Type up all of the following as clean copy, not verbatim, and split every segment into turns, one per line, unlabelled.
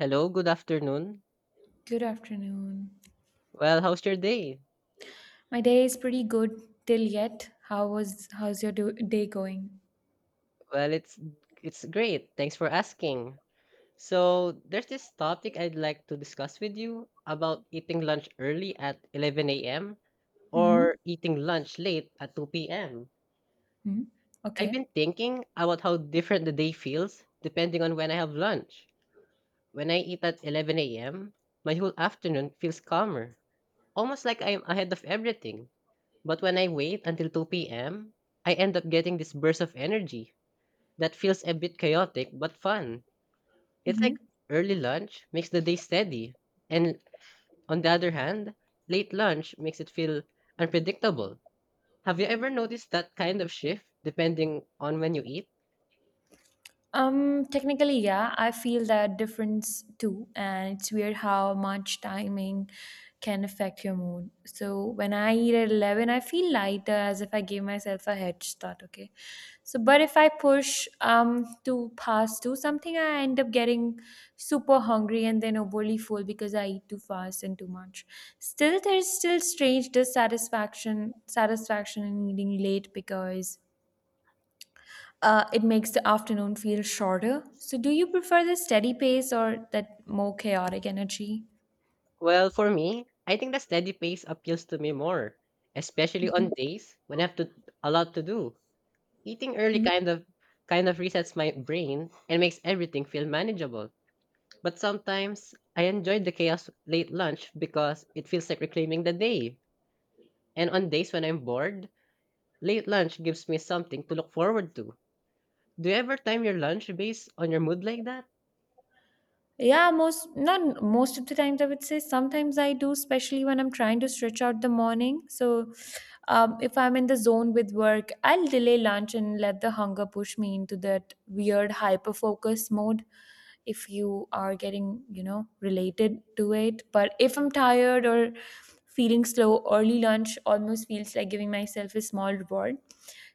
Hello, good afternoon.
Good afternoon.
Well, how's your day?
My day is pretty good till yet. How was day going?
Well, it's great. Thanks for asking. So, there's this topic I'd like to discuss with you about eating lunch early at 11 a.m.
Mhm.
or eating lunch late at 2 p.m.
Mhm.
I've
Okay.
been thinking about how different the day feels depending on when I have lunch. When I eat at 11 a.m., my whole afternoon feels calmer, almost like I'm ahead of everything. But when I wait until 2 p.m., I end up getting this burst of energy that feels a bit chaotic but fun. It's like
Mhm.
early lunch makes the day steady, and on the other hand, late lunch makes it feel unpredictable. Have you ever noticed that kind of shift depending on when you eat?
Technically, yeah, I feel that difference too, and it's weird how much timing can affect your mood. So when I eat at 11, I feel lighter as if I gave myself a head start, okay? So, but if I push to past two something, I end up getting super hungry and then overly full because I eat too fast and too much. Still, there's still strange dissatisfaction satisfaction in eating late because it makes the afternoon feel shorter. So, do you prefer the steady pace or that more chaotic energy?
Well, for me, I think the steady pace appeals to me more, especially on
Mhm.
days when I have to a lot to do. Eating early
Mm.
kind of kind of resets my brain and makes everything feel manageable. But sometimes I enjoy the chaos late lunch because it feels like reclaiming the day. And on days when I'm bored, late lunch gives me something to look forward to. Do you ever time your lunch based on your mood like that?
Yeah, most not most of the times I would say sometimes I do, especially when I'm trying to stretch out the morning. So, if I'm in the zone with work, I'll delay lunch and let the hunger push me into that weird hyper focus mode. If you are getting related to it, but if I'm tired or feeling slow, early lunch almost feels like giving myself a small reward.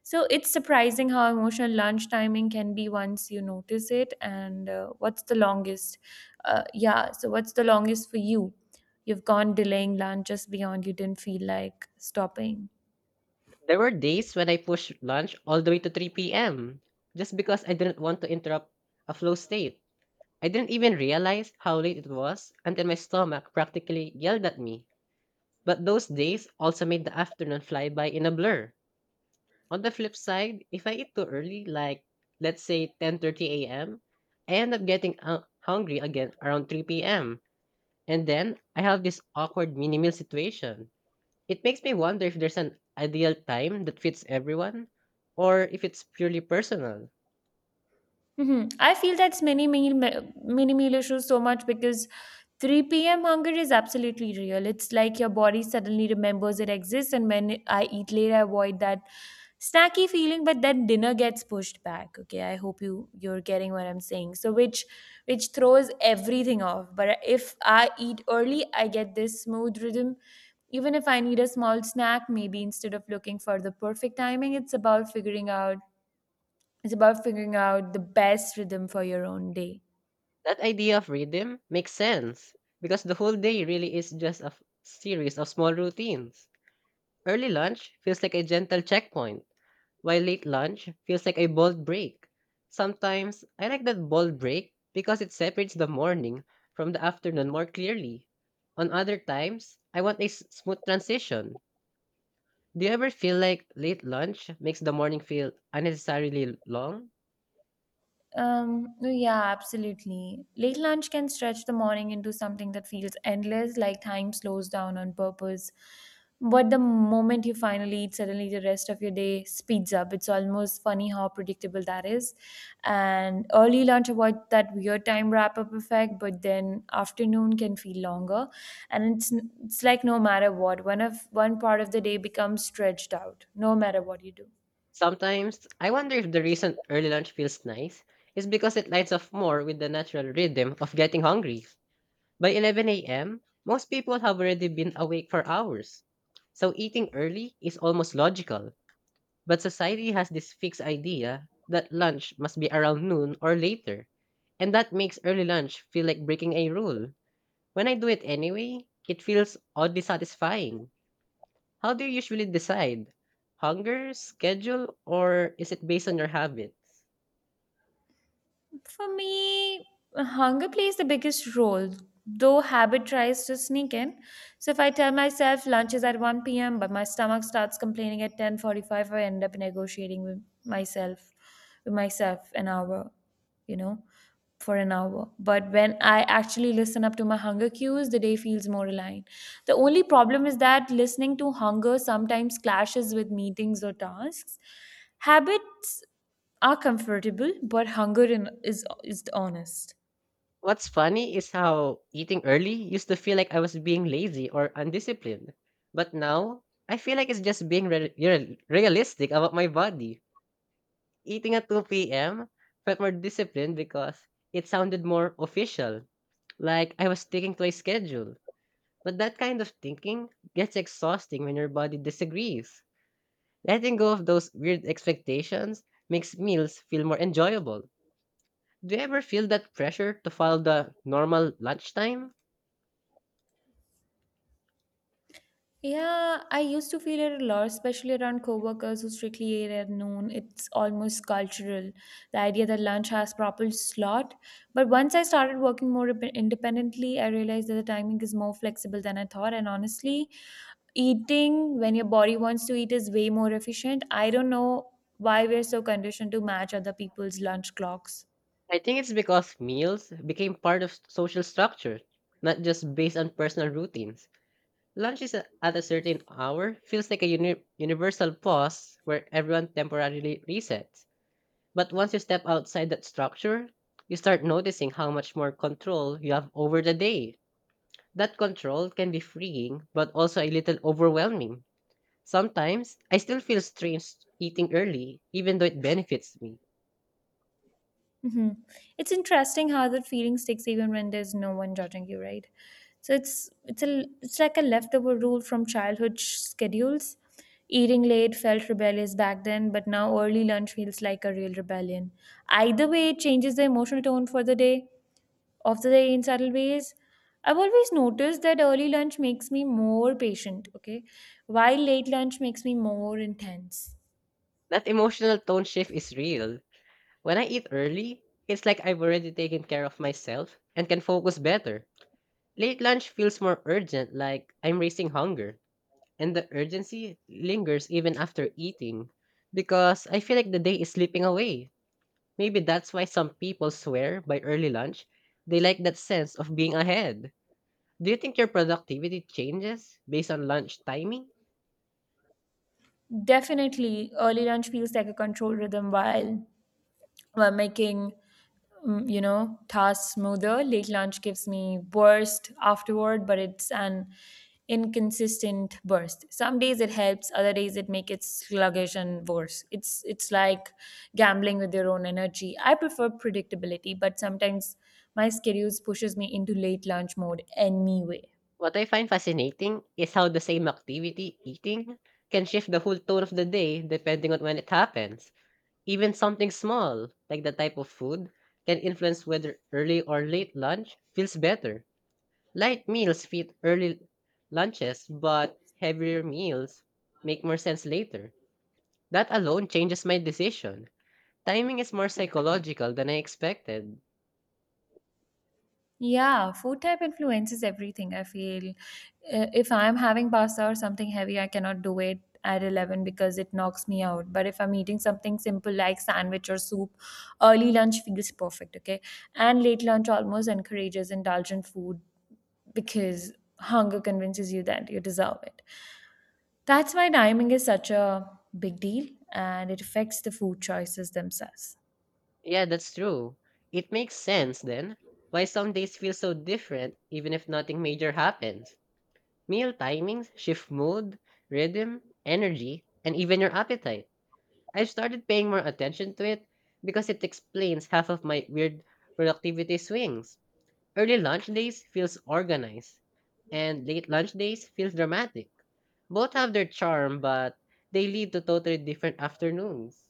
So it's surprising how emotional lunch timing can be once you notice it. And what's the longest yeah, so what's the longest for you you've gone delaying lunch just beyond you didn't feel like stopping?
There were days when I pushed lunch all the way to 3 p.m. just because I didn't want to interrupt a flow state. I didn't even realize how late it was until my stomach practically yelled at me. But those days also made the afternoon fly by in a blur. On the flip side, if I eat too early, like let's say 10:30 a.m., I end up getting hungry again around 3 p.m. And then I have this awkward mini meal situation. It makes me wonder if there's an ideal time that fits everyone or if it's purely personal.
Hmm. I feel that's many meal mini meal issues so much because 3 p.m. hunger is absolutely real. It's like your body suddenly remembers it exists, and when I eat late, I avoid that snacky feeling, but then dinner gets pushed back. Okay, I hope you're getting what I'm saying. So which throws everything off. But if I eat early, I get this smooth rhythm. Even if I need a small snack, maybe instead of looking for the perfect timing, it's about figuring out the best rhythm for your own day.
That idea of rhythm makes sense because the whole day really is just a series of small routines. Early lunch feels like a gentle checkpoint, while late lunch feels like a bold break. Sometimes I like that bold break because it separates the morning from the afternoon more clearly. On other times, I want a smooth transition. Do you ever feel like late lunch makes the morning feel unnecessarily long?
No, yeah, absolutely. Late lunch can stretch the morning into something that feels endless, like time slows down on purpose. But the moment you finally eat, suddenly the rest of your day speeds up. It's almost funny how predictable that is. And early lunch avoids that weird time wrap up effect, but then afternoon can feel longer. And it's like no matter what, one part of the day becomes stretched out, no matter what you do.
Sometimes I wonder if the reason early lunch feels nice is because it lines up more with the natural rhythm of getting hungry. By 11 a.m., most people have already been awake for hours. So eating early is almost logical, but society has this fixed idea that lunch must be around noon or later. And that makes early lunch feel like breaking a rule. When I do it anyway, it feels oddly satisfying. How do you usually decide? Hunger, schedule, or is it based on your habits?
For me, hunger plays the biggest role, though habit tries to sneak in. So if I tell myself lunch is at 1 p.m., but my stomach starts complaining at 10:45, I end up negotiating with myself an hour, you know, for an hour. But when I actually listen up to my hunger cues, the day feels more aligned. The only problem is that listening to hunger sometimes clashes with meetings or tasks. Habit are comfortable, but hunger in, is honest.
What's funny is how eating early used to feel like I was being lazy or undisciplined. But now, I feel like it's just being realistic about my body. Eating at 2 p.m. felt more disciplined because it sounded more official, like I was sticking to a schedule. But that kind of thinking gets exhausting when your body disagrees. Letting go of those weird expectations makes meals feel more enjoyable. Do you ever feel that pressure to follow the normal lunchtime?
Yeah, I used to feel it a lot, especially around coworkers who strictly ate at noon. It's almost cultural, the idea that lunch has proper slot. But once I started working more independently, I realized that the timing is more flexible than I thought. And honestly, eating when your body wants to eat is way more efficient. I don't know why we're so conditioned to match other people's lunch clocks.
I think it's because meals became part of social structure, not just based on personal routines. Lunches at a certain hour feels like a universal pause where everyone temporarily resets. But once you step outside that structure, you start noticing how much more control you have over the day. That control can be freeing, but also a little overwhelming. Sometimes, I still feel strange eating early, even though it benefits me.
Hmm. It's interesting how that feeling sticks even when there's no one judging you, right? So it's like a leftover rule from childhood schedules. Eating late felt rebellious back then, but now early lunch feels like a real rebellion. Either way, it changes the emotional tone for the day of the day in subtle ways. I've always noticed that early lunch makes me more patient, okay, while late lunch makes me more intense.
That emotional tone shift is real. When I eat early, it's like I've already taken care of myself and can focus better. Late lunch feels more urgent, like I'm racing hunger, and the urgency lingers even after eating because I feel like the day is slipping away. Maybe that's why some people swear by early lunch. They like that sense of being ahead. Do you think your productivity changes based on lunch timing?
Definitely, early lunch feels like a controlled rhythm, while making tasks smoother. Late lunch gives me burst afterward, but it's an inconsistent burst. Some days it helps, other days it makes it sluggish and worse. It's like gambling with your own energy. I prefer predictability, but sometimes my schedules pushes me into late lunch mode anyway.
What I find fascinating is how the same activity, eating, can shift the whole tone of the day depending on when it happens. Even something small, like the type of food, can influence whether early or late lunch feels better. Light meals fit early lunches, but heavier meals make more sense later. That alone changes my decision. Timing is more psychological than I expected.
Yeah, food type influences everything. I feel if I'm having pasta or something heavy, I cannot do it at 11 because it knocks me out. But if I'm eating something simple like sandwich or soup, early lunch feels perfect, okay? And late lunch almost encourages indulgent food because hunger convinces you that you deserve it. That's why timing is such a big deal, and it affects the food choices themselves.
Yeah, that's true. It makes sense then why some days feel so different even if nothing major happens. Meal timings shift mood, rhythm, energy, and even your appetite. I've started paying more attention to it because it explains half of my weird productivity swings. Early lunch days feels organized, and late lunch days feels dramatic. Both have their charm, but they lead to totally different afternoons.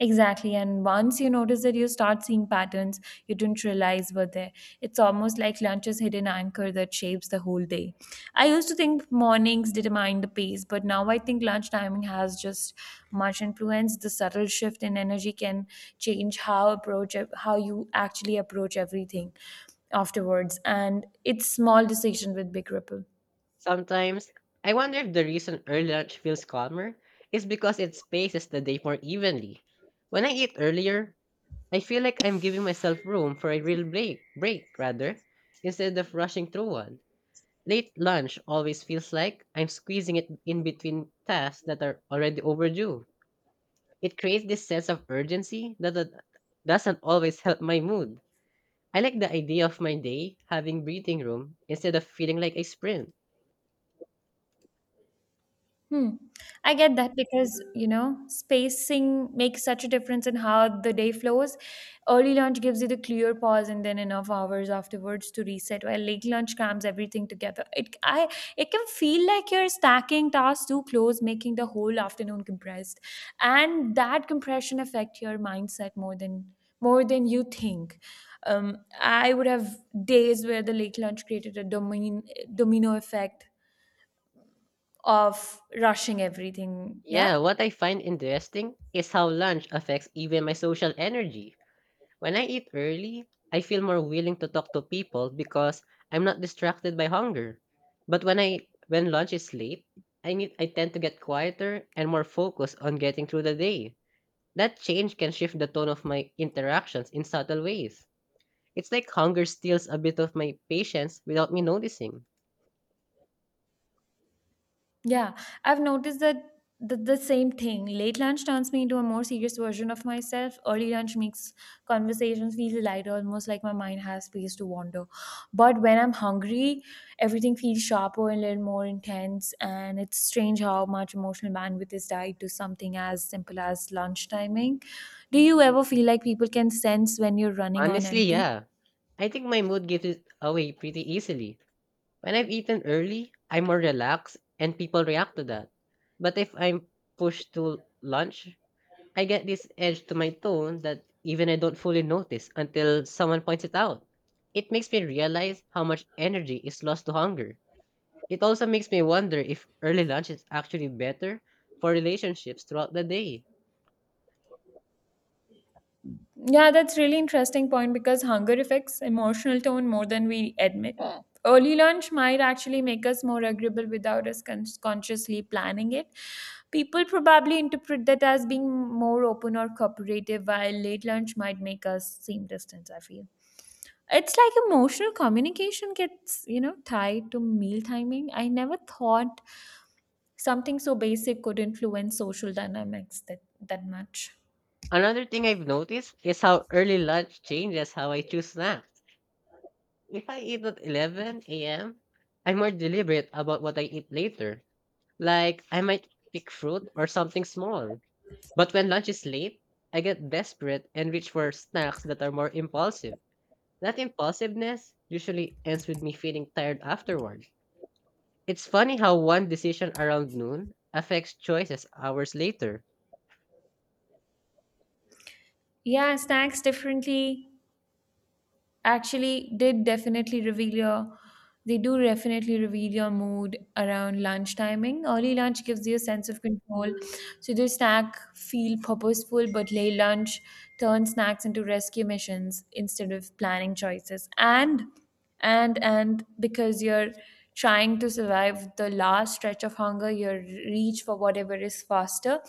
Exactly. And once you notice that, you start seeing patterns you didn't realize were there. It's almost like lunch is hidden anchor that shapes the whole day. I used to think mornings determine the pace, but now I think lunch timing has just much influence. The subtle shift in energy can change how approach how you actually approach everything afterwards. And it's small decision with big ripples.
Sometimes, I wonder if the reason early lunch feels calmer is because it spaces the day more evenly. When I eat earlier, I feel like I'm giving myself room for a real break, break rather, instead of rushing through one. Late lunch always feels like I'm squeezing it in between tasks that are already overdue. It creates this sense of urgency that doesn't always help my mood. I like the idea of my day having breathing room instead of feeling like a sprint.
Hmm. I get that because, spacing makes such a difference in how the day flows. Early lunch gives you the clear pause and then enough hours afterwards to reset, while late lunch crams everything together. It can feel like you're stacking tasks too close, making the whole afternoon compressed. And that compression affect your mindset more than you think. I would have days where the late lunch created a domino effect of rushing everything. Yeah.
Yeah, what I find interesting is how lunch affects even my social energy. When I eat early, I feel more willing to talk to people because I'm not distracted by hunger. But when lunch is late, I tend to get quieter and more focused on getting through the day. That change can shift the tone of my interactions in subtle ways. It's like hunger steals a bit of my patience without me noticing.
Yeah. I've noticed the same thing. Late lunch turns me into a more serious version of myself. Early lunch makes conversations feel lighter, almost like my mind has space to wander. But when I'm hungry, everything feels sharper and a little more intense. And it's strange how much emotional bandwidth is tied to something as simple as lunch timing. Do you ever feel like people can sense when you're running on
Honestly,
empty?
yeah. I think my mood gives it away pretty easily. When I've eaten early, I'm more relaxed and people react to that. But if I'm pushed to lunch, I get this edge to my tone that even I don't fully notice until someone points it out. It makes me realize how much energy is lost to hunger. It also makes me wonder if early lunch is actually better for relationships throughout the day.
Yeah, that's really interesting point because hunger affects emotional tone more than we admit. Mm. Early lunch might actually make us more agreeable without us consciously planning it. People probably interpret that as being more open or cooperative, while late lunch might make us seem distant, I feel. It's like emotional communication gets, tied to meal timing. I never thought something so basic could influence social dynamics that much.
Another thing I've noticed is how early lunch changes how I choose snacks. If I eat at 11 a.m., I'm more deliberate about what I eat later. Like, I might pick fruit or something small. But when lunch is late, I get desperate and reach for snacks that are more impulsive. That impulsiveness usually ends with me feeling tired afterward. It's funny how one decision around noon affects choices hours later.
Yeah, snacks differently actually did definitely reveal your they do definitely reveal your mood around lunch timing. Early lunch gives you a sense of control, so the snack feel purposeful. But late lunch turns snacks into rescue missions instead of planning choices. And because you're trying to survive the last stretch of hunger, your reach for whatever is faster.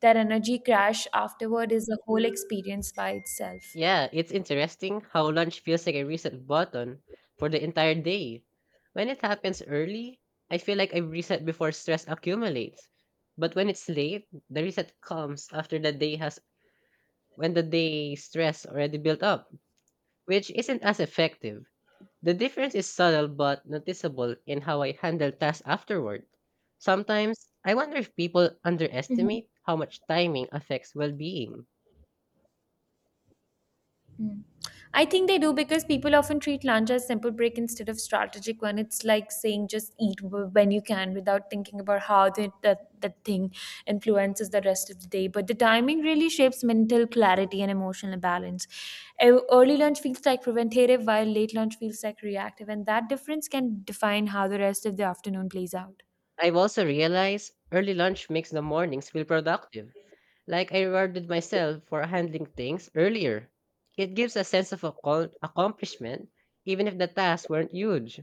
That energy crash afterward is a whole experience by itself.
Yeah, it's interesting how lunch feels like a reset button for the entire day. When it happens early, I feel like I reset before stress accumulates. But when it's late, the reset comes after the day has when the day stress already built up, which isn't as effective. The difference is subtle but noticeable in how I handle tasks afterward. Sometimes, I wonder if people underestimate how much timing affects well being.
Mm. I think they do because people often treat lunch as simple break instead of strategic one. It's like saying just eat when you can without thinking about how the, that that thing influences the rest of the day. But the timing really shapes mental clarity and emotional balance. Early lunch feels like preventative, while late lunch feels like reactive, and that difference can define how the rest of the afternoon plays out.
I've also realized early lunch makes the mornings feel productive, like I rewarded myself for handling things earlier. It gives a sense of accomplishment, even if the tasks weren't huge.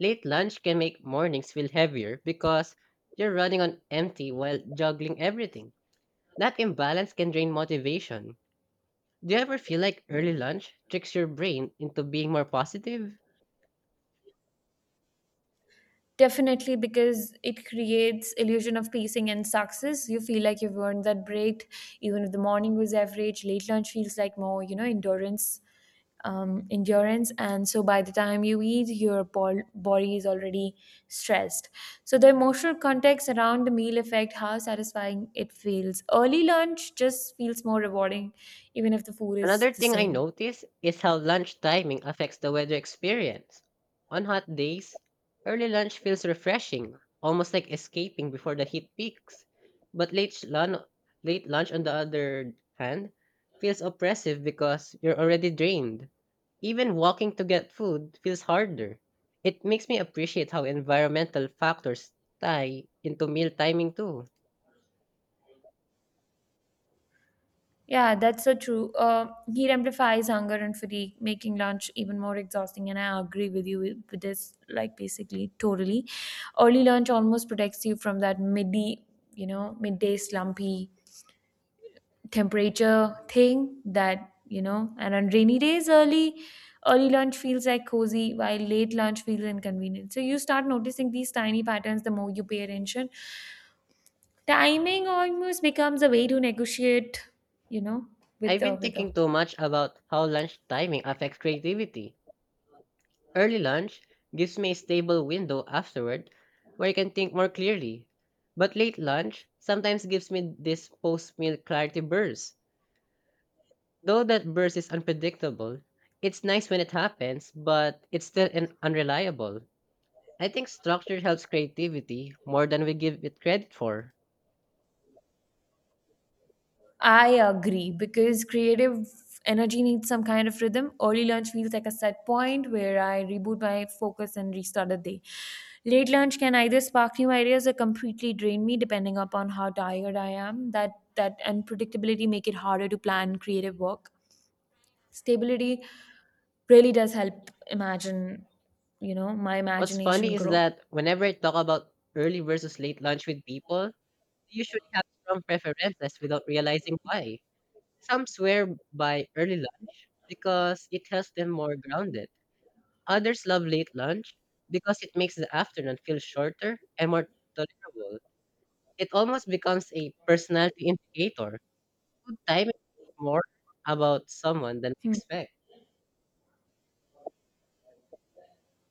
Late lunch can make mornings feel heavier because you're running on empty while juggling everything. That imbalance can drain motivation. Do you ever feel like early lunch tricks your brain into being more positive?
Definitely, because it creates illusion of pacing and success. You feel like you've earned that break, even if the morning was average. Late lunch feels like more, endurance, endurance. And so by the time you eat, your body is already stressed. So the emotional context around the meal affect how satisfying it feels. Early lunch just feels more rewarding, even if the food is
Another
the
thing I
same.
notice is how lunch timing affects the weather experience. On hot days, early lunch feels refreshing, almost like escaping before the heat peaks. But late lunch, on the other hand, feels oppressive because you're already drained. Even walking to get food feels harder. It makes me appreciate how environmental factors tie into meal timing too.
Yeah, that's so true. Heat amplifies hunger and fatigue, making lunch even more exhausting. And I agree with you with this, like basically totally. Early lunch almost protects you from that midday, midday slumpy temperature thing that you know. And on rainy days, early lunch feels like cozy, while late lunch feels inconvenient. So you start noticing these tiny patterns the more you pay attention. Timing almost becomes a way to negotiate, you know, with
I've been
the.
thinking too much about how lunch timing affects creativity. Early lunch gives me a stable window afterward where I can think more clearly. But late lunch sometimes gives me this post meal clarity burst. Though that burst is unpredictable, it's nice when it happens, but it's still unreliable. I think structure helps creativity more than we give it credit for.
I agree because creative energy needs some kind of rhythm. Early lunch feels like a set point where I reboot my focus and restart the day. Late lunch can either spark new ideas or completely drain me depending upon how tired I am. That unpredictability make it harder to plan creative work. Stability really does help imagine, my
What's
imagination
funny is
grow.
that whenever I talk about early versus late lunch with people, they usually have strong preferences without realizing why. Some swear by early lunch because it helps them more grounded. Others love late lunch because it makes the afternoon feel shorter and more tolerable. It almost becomes a personality indicator. Good timing is more about someone than we
Hmm.
expect.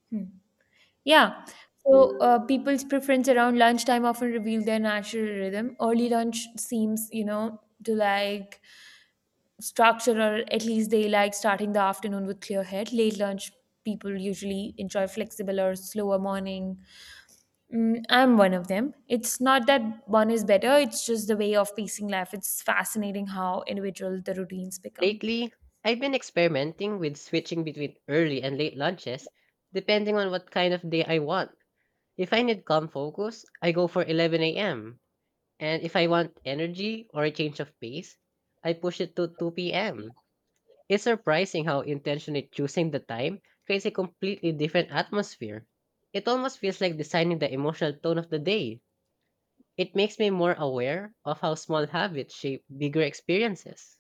Hmm. Yeah. So people's preference around lunchtime often reveal their natural rhythm. Early lunch seems, you know, to like structure, or at least they like starting the afternoon with clear head. Late lunch people usually enjoy flexible or slower morning. Mm, I'm one of them. It's not that one is better; it's just the way of pacing life. It's fascinating how individual the routines become.
Lately, I've been experimenting with switching between early and late lunches, depending on what kind of day I want. If I need calm focus, I go for 11 a.m. And if I want energy or a change of pace, I push it to 2 p.m. It's surprising how intentionally choosing the time creates a completely different atmosphere. It almost feels like designing the emotional tone of the day. It makes me more aware of how small habits shape bigger experiences.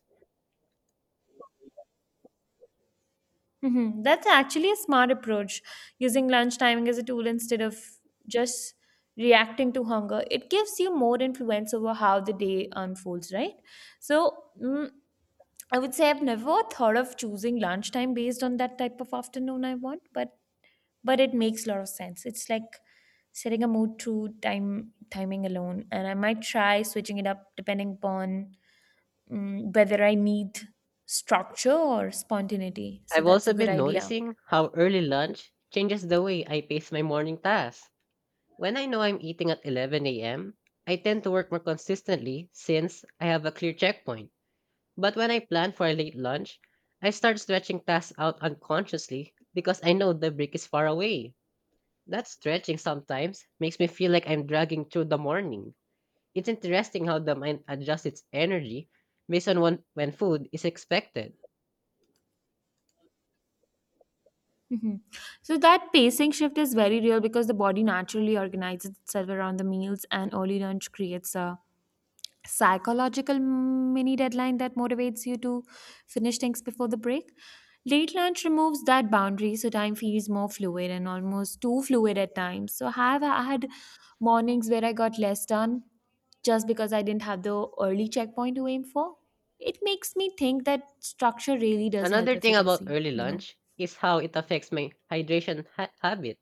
That's actually a smart approach, using lunch timing as a tool instead of just reacting to hunger. It gives you more influence over how the day unfolds, right? So, mm, I would say I've never thought of choosing lunchtime based on that type of afternoon I want, but it makes a lot of sense. It's like setting a mood through time timing alone, and I might try switching it up depending upon whether I need structure or spontaneity. So
I've
that's
also
a good
been
idea.
noticing how early lunch changes the way I pace my morning tasks. When I know I'm eating at 11 a.m., I tend to work more consistently since I have a clear checkpoint. But when I plan for a late lunch, I start stretching tasks out unconsciously because I know the break is far away. That stretching sometimes makes me feel like I'm dragging through the morning. It's interesting how the mind adjusts its energy based on when food is expected.
Mhm. So that pacing shift is very real because the body naturally organizes itself around the meals, and early lunch creates a psychological mini deadline that motivates you to finish things before the break. Late lunch removes that boundary, so time feels more fluid and almost too fluid at times. So have I had mornings where I got less done just because I didn't have the early checkpoint to aim for? It makes me think that structure really does help
Another thing about
efficacy,
early
you know.
lunch is how it affects my hydration habit.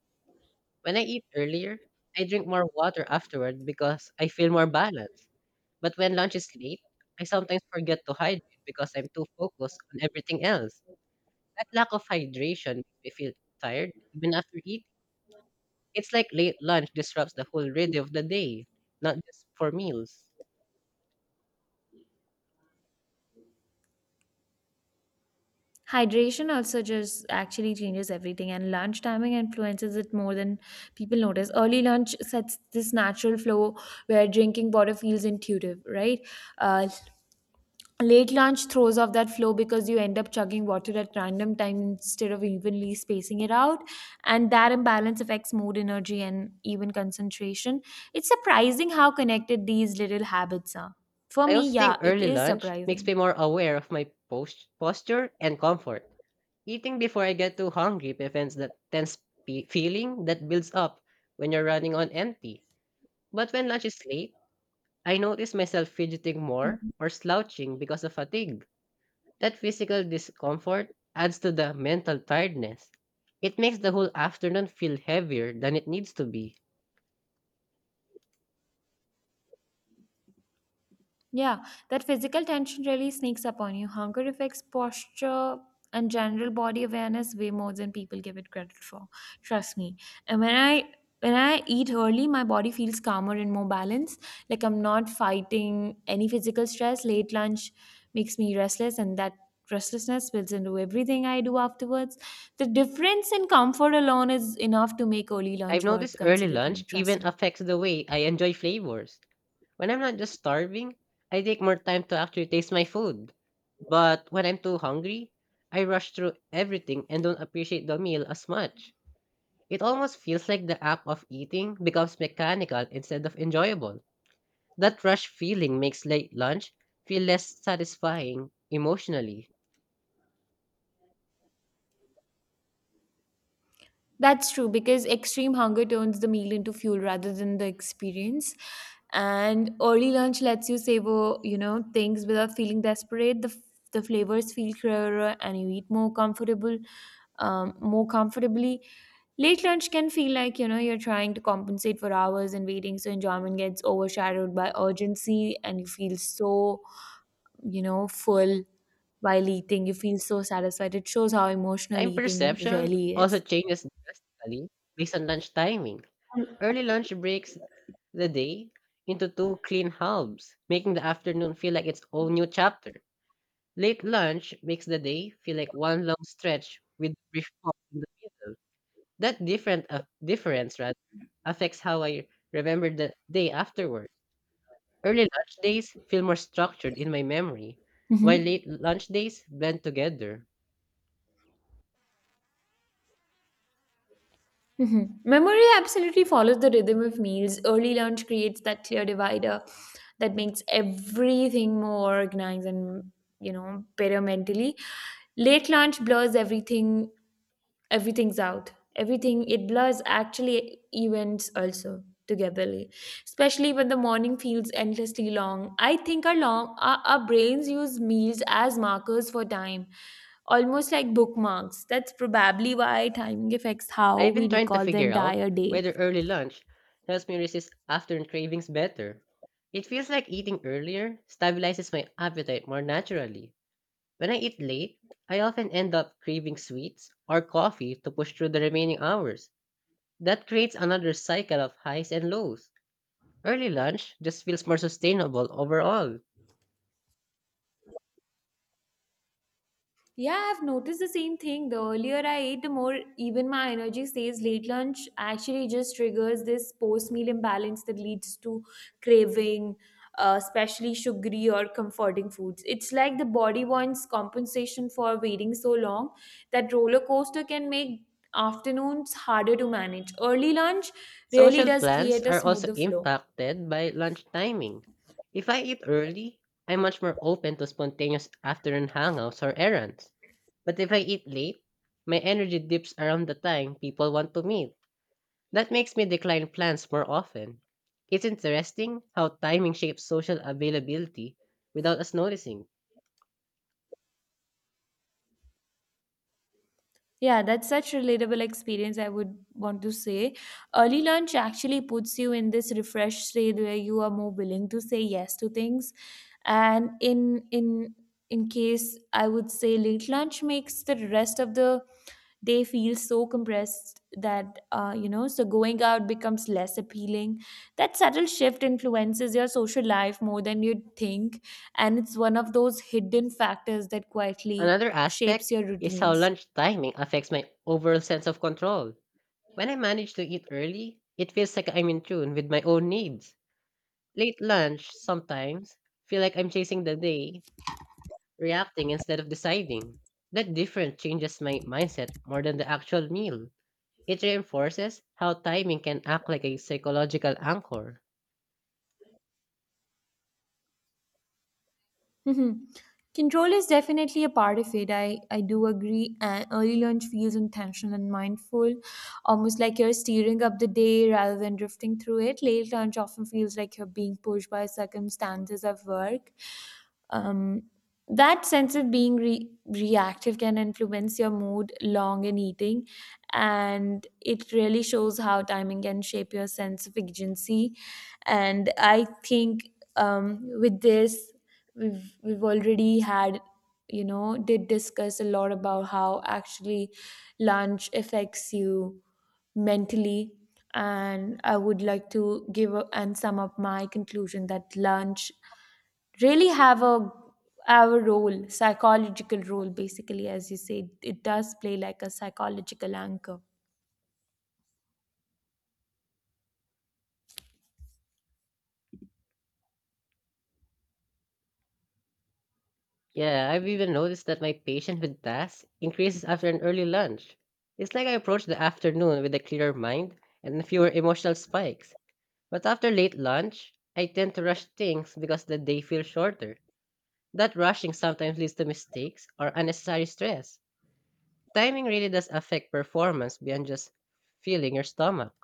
When I eat earlier, I drink more water afterward because I feel more balanced. But when lunch is late, I sometimes forget to hydrate because I'm too focused on everything else. That lack of hydration makes me feel tired even after eating. It's like late lunch disrupts the whole rhythm of the day, not just for meals.
Hydration also just actually changes everything, and lunch timing influences it more than people notice. Early lunch sets this natural flow where drinking water feels intuitive, right? Uh, Late lunch throws off that flow because you end up chugging water at random time instead of evenly spacing it out, and that imbalance affects mood, energy, and even concentration. It's surprising how connected these little habits are. For
I
me,
also think
yeah, it
early
is
lunch makes
surprising.
me more aware of my posture and comfort. Eating before I get too hungry prevents that tense feeling that builds up when you're running on empty. But when lunch is late, I notice myself fidgeting more or slouching because of fatigue. That physical discomfort adds to the mental tiredness. It makes the whole afternoon feel heavier than it needs to be.
Yeah, that physical tension really sneaks up on you. Hunger affects posture and general body awareness way more than people give it credit for. Trust me. And when I eat early, my body feels calmer and more balanced. Like I'm not fighting any physical stress. Late lunch makes me restless, and that restlessness spills into everything I do afterwards. The difference in comfort alone is enough to make early
I've
lunch
noticed
worth
early
considering.
lunch
Trust
even
me.
affects the way I enjoy flavors. When I'm not just starving, I take more time to actually taste my food. But when I'm too hungry, I rush through everything and don't appreciate the meal as much. It almost feels like the act of eating becomes mechanical instead of enjoyable. That rush feeling makes late lunch feel less satisfying emotionally.
That's true because extreme hunger turns the meal into fuel rather than the experience. And early lunch lets you savor, you know, things without feeling desperate. The flavors feel clearer and you eat more comfortable, more comfortably. Late lunch can feel like, you know, you're trying to compensate for hours and waiting, so enjoyment gets overshadowed by urgency and you feel so, you know, full while eating. You feel so satisfied. It shows how emotional
Time
eating
perception
really
also
is.
changes daily based on lunch timing. Early lunch breaks the day into two clean halves, making the afternoon feel like its own new chapter. Late lunch makes the day feel like one long stretch with a brief pause in the middle. That different difference rather affects how I remember the day afterward. Early lunch days feel more structured in my memory, while
hmm
late lunch days blend together.
Mhm. Memory absolutely follows the rhythm of meals. Early lunch creates that clear divider that makes everything more organized and, you know, better mentally. Late lunch blurs everything everything's out everything it blurs actually events also togetherly especially when the morning feels endlessly long. I think our brains use meals as markers for time almost like bookmarks. That's probably why timing affects how
I've
we
been trying to
recall the
figure out
entire day.
whether early lunch helps me resist afternoon cravings better. It feels like eating earlier stabilizes my appetite more naturally. When I eat late, I often end up craving sweets or coffee to push through the remaining hours. That creates another cycle of highs and lows. Early lunch just feels more sustainable overall.
Yeah, I've noticed the same thing. The earlier I ate, the more even my energy stays. Late lunch actually just triggers this post meal imbalance that leads to craving, especially sugary or comforting foods. It's like the body wants compensation for waiting so long. That roller coaster can make afternoons harder to manage. Early lunch really
Social
does
plans
create a
are also
smoother flow.
impacted by lunch timing. If I eat early, I'm much more open to spontaneous afternoon hangouts or errands. But if I eat late, my energy dips around the time people want to meet. That makes me decline plans more often. It's interesting how timing shapes social availability without us noticing.
Yeah, that's such relatable experience I would want to say. Early lunch actually puts you in this refreshed state where you are more willing to say yes to things. And in case I would say late lunch makes the rest of the day feel so compressed that you know, so going out becomes less appealing. That subtle shift influences your social life more than you'd think, and it's one of those hidden factors that quietly
Another
shapes
aspect
your
is how
routines.
lunch timing affects my overall sense of control. When I manage to eat early, it feels like I'm in tune with my own needs. Late lunch sometimes feel like I'm chasing the day, reacting instead of deciding. That difference changes my mindset more than the actual meal. It reinforces how timing can act like a psychological anchor.
Mhm. Control is definitely a part of it. I do agree. And early lunch feels intentional and mindful, almost like you're steering up the day rather than drifting through it. Late lunch often feels like you're being pushed by circumstances of work. um, that sense of being reactive can influence your mood long in eating, and it really shows how timing can shape your sense of agency. And I think with this, we've already had, you know, did discuss a lot about how actually lunch affects you mentally, and I would like to give a, and sum up my conclusion that lunch really have a role, psychological role basically, as you say. It does play like a psychological anchor.
Yeah, I've even noticed that my patience with tasks increases after an early lunch. It's like I approach the afternoon with a clearer mind and fewer emotional spikes. But after late lunch, I tend to rush things because the day feels shorter. That rushing sometimes leads to mistakes or unnecessary stress. Timing really does affect performance beyond just filling your stomach.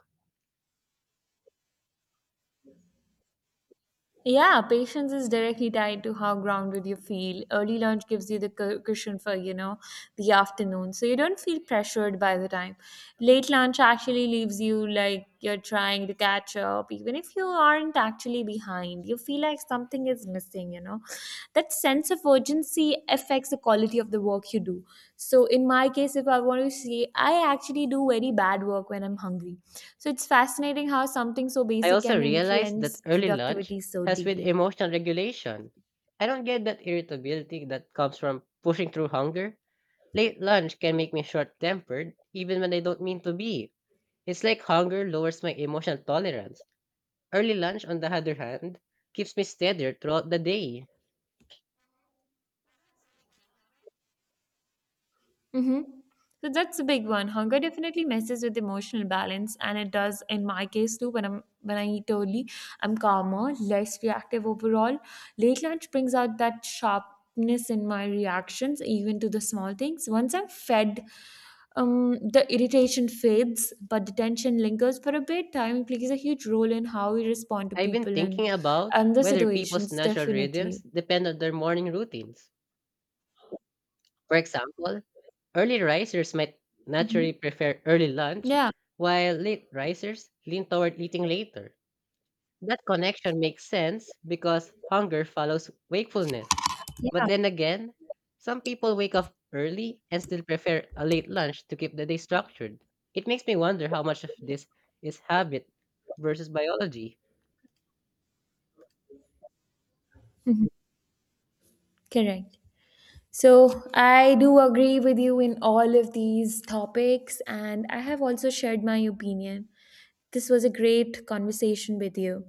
Yeah, patience is directly tied to how grounded you feel. Early lunch gives you the cushion for, you know, the afternoon. So you don't feel pressured by the time. Late lunch actually leaves you like you're trying to catch up. Even if you aren't actually behind, you feel like something is missing. That sense of urgency affects the quality of the work you do. So in my case, if I want to say, I actually do very bad work when I'm hungry. So it's fascinating how something so
I
basic
also
can
realized that
influence
early lunch
productivity so
helps with
deeply.
emotional regulation. I don't get that irritability that comes from pushing through hunger. Late lunch can make me short tempered, even when I don't mean to be. It's like hunger lowers my emotional tolerance. Early lunch, on the other hand, keeps me steadier throughout the day.
Mm-hmm. So that's a big one. Hunger definitely messes with emotional balance, and it does in my case too. When I eat early, I'm calmer, less reactive overall. Late lunch brings out that sharpness in my reactions, even to the small things. Once I'm fed, the irritation fades, but the tension lingers for a bit. Time plays a huge role in how we respond to
I've been
people and
thinking about
and the
whether people's
situations.
natural rhythms
Definitely.
depend on their morning routines. For example, early risers might
Mm-hmm.
naturally prefer early lunch,
Yeah.
while late risers lean toward eating later. That connection makes sense because hunger follows wakefulness.
Yeah.
But then again, some people wake up early and still prefer a late lunch to keep the day structured. It makes me wonder how much of this is habit versus biology.
Mhm. Correct. So, I do agree with you in all of these topics, and I have also shared my opinion. This was a great conversation with you,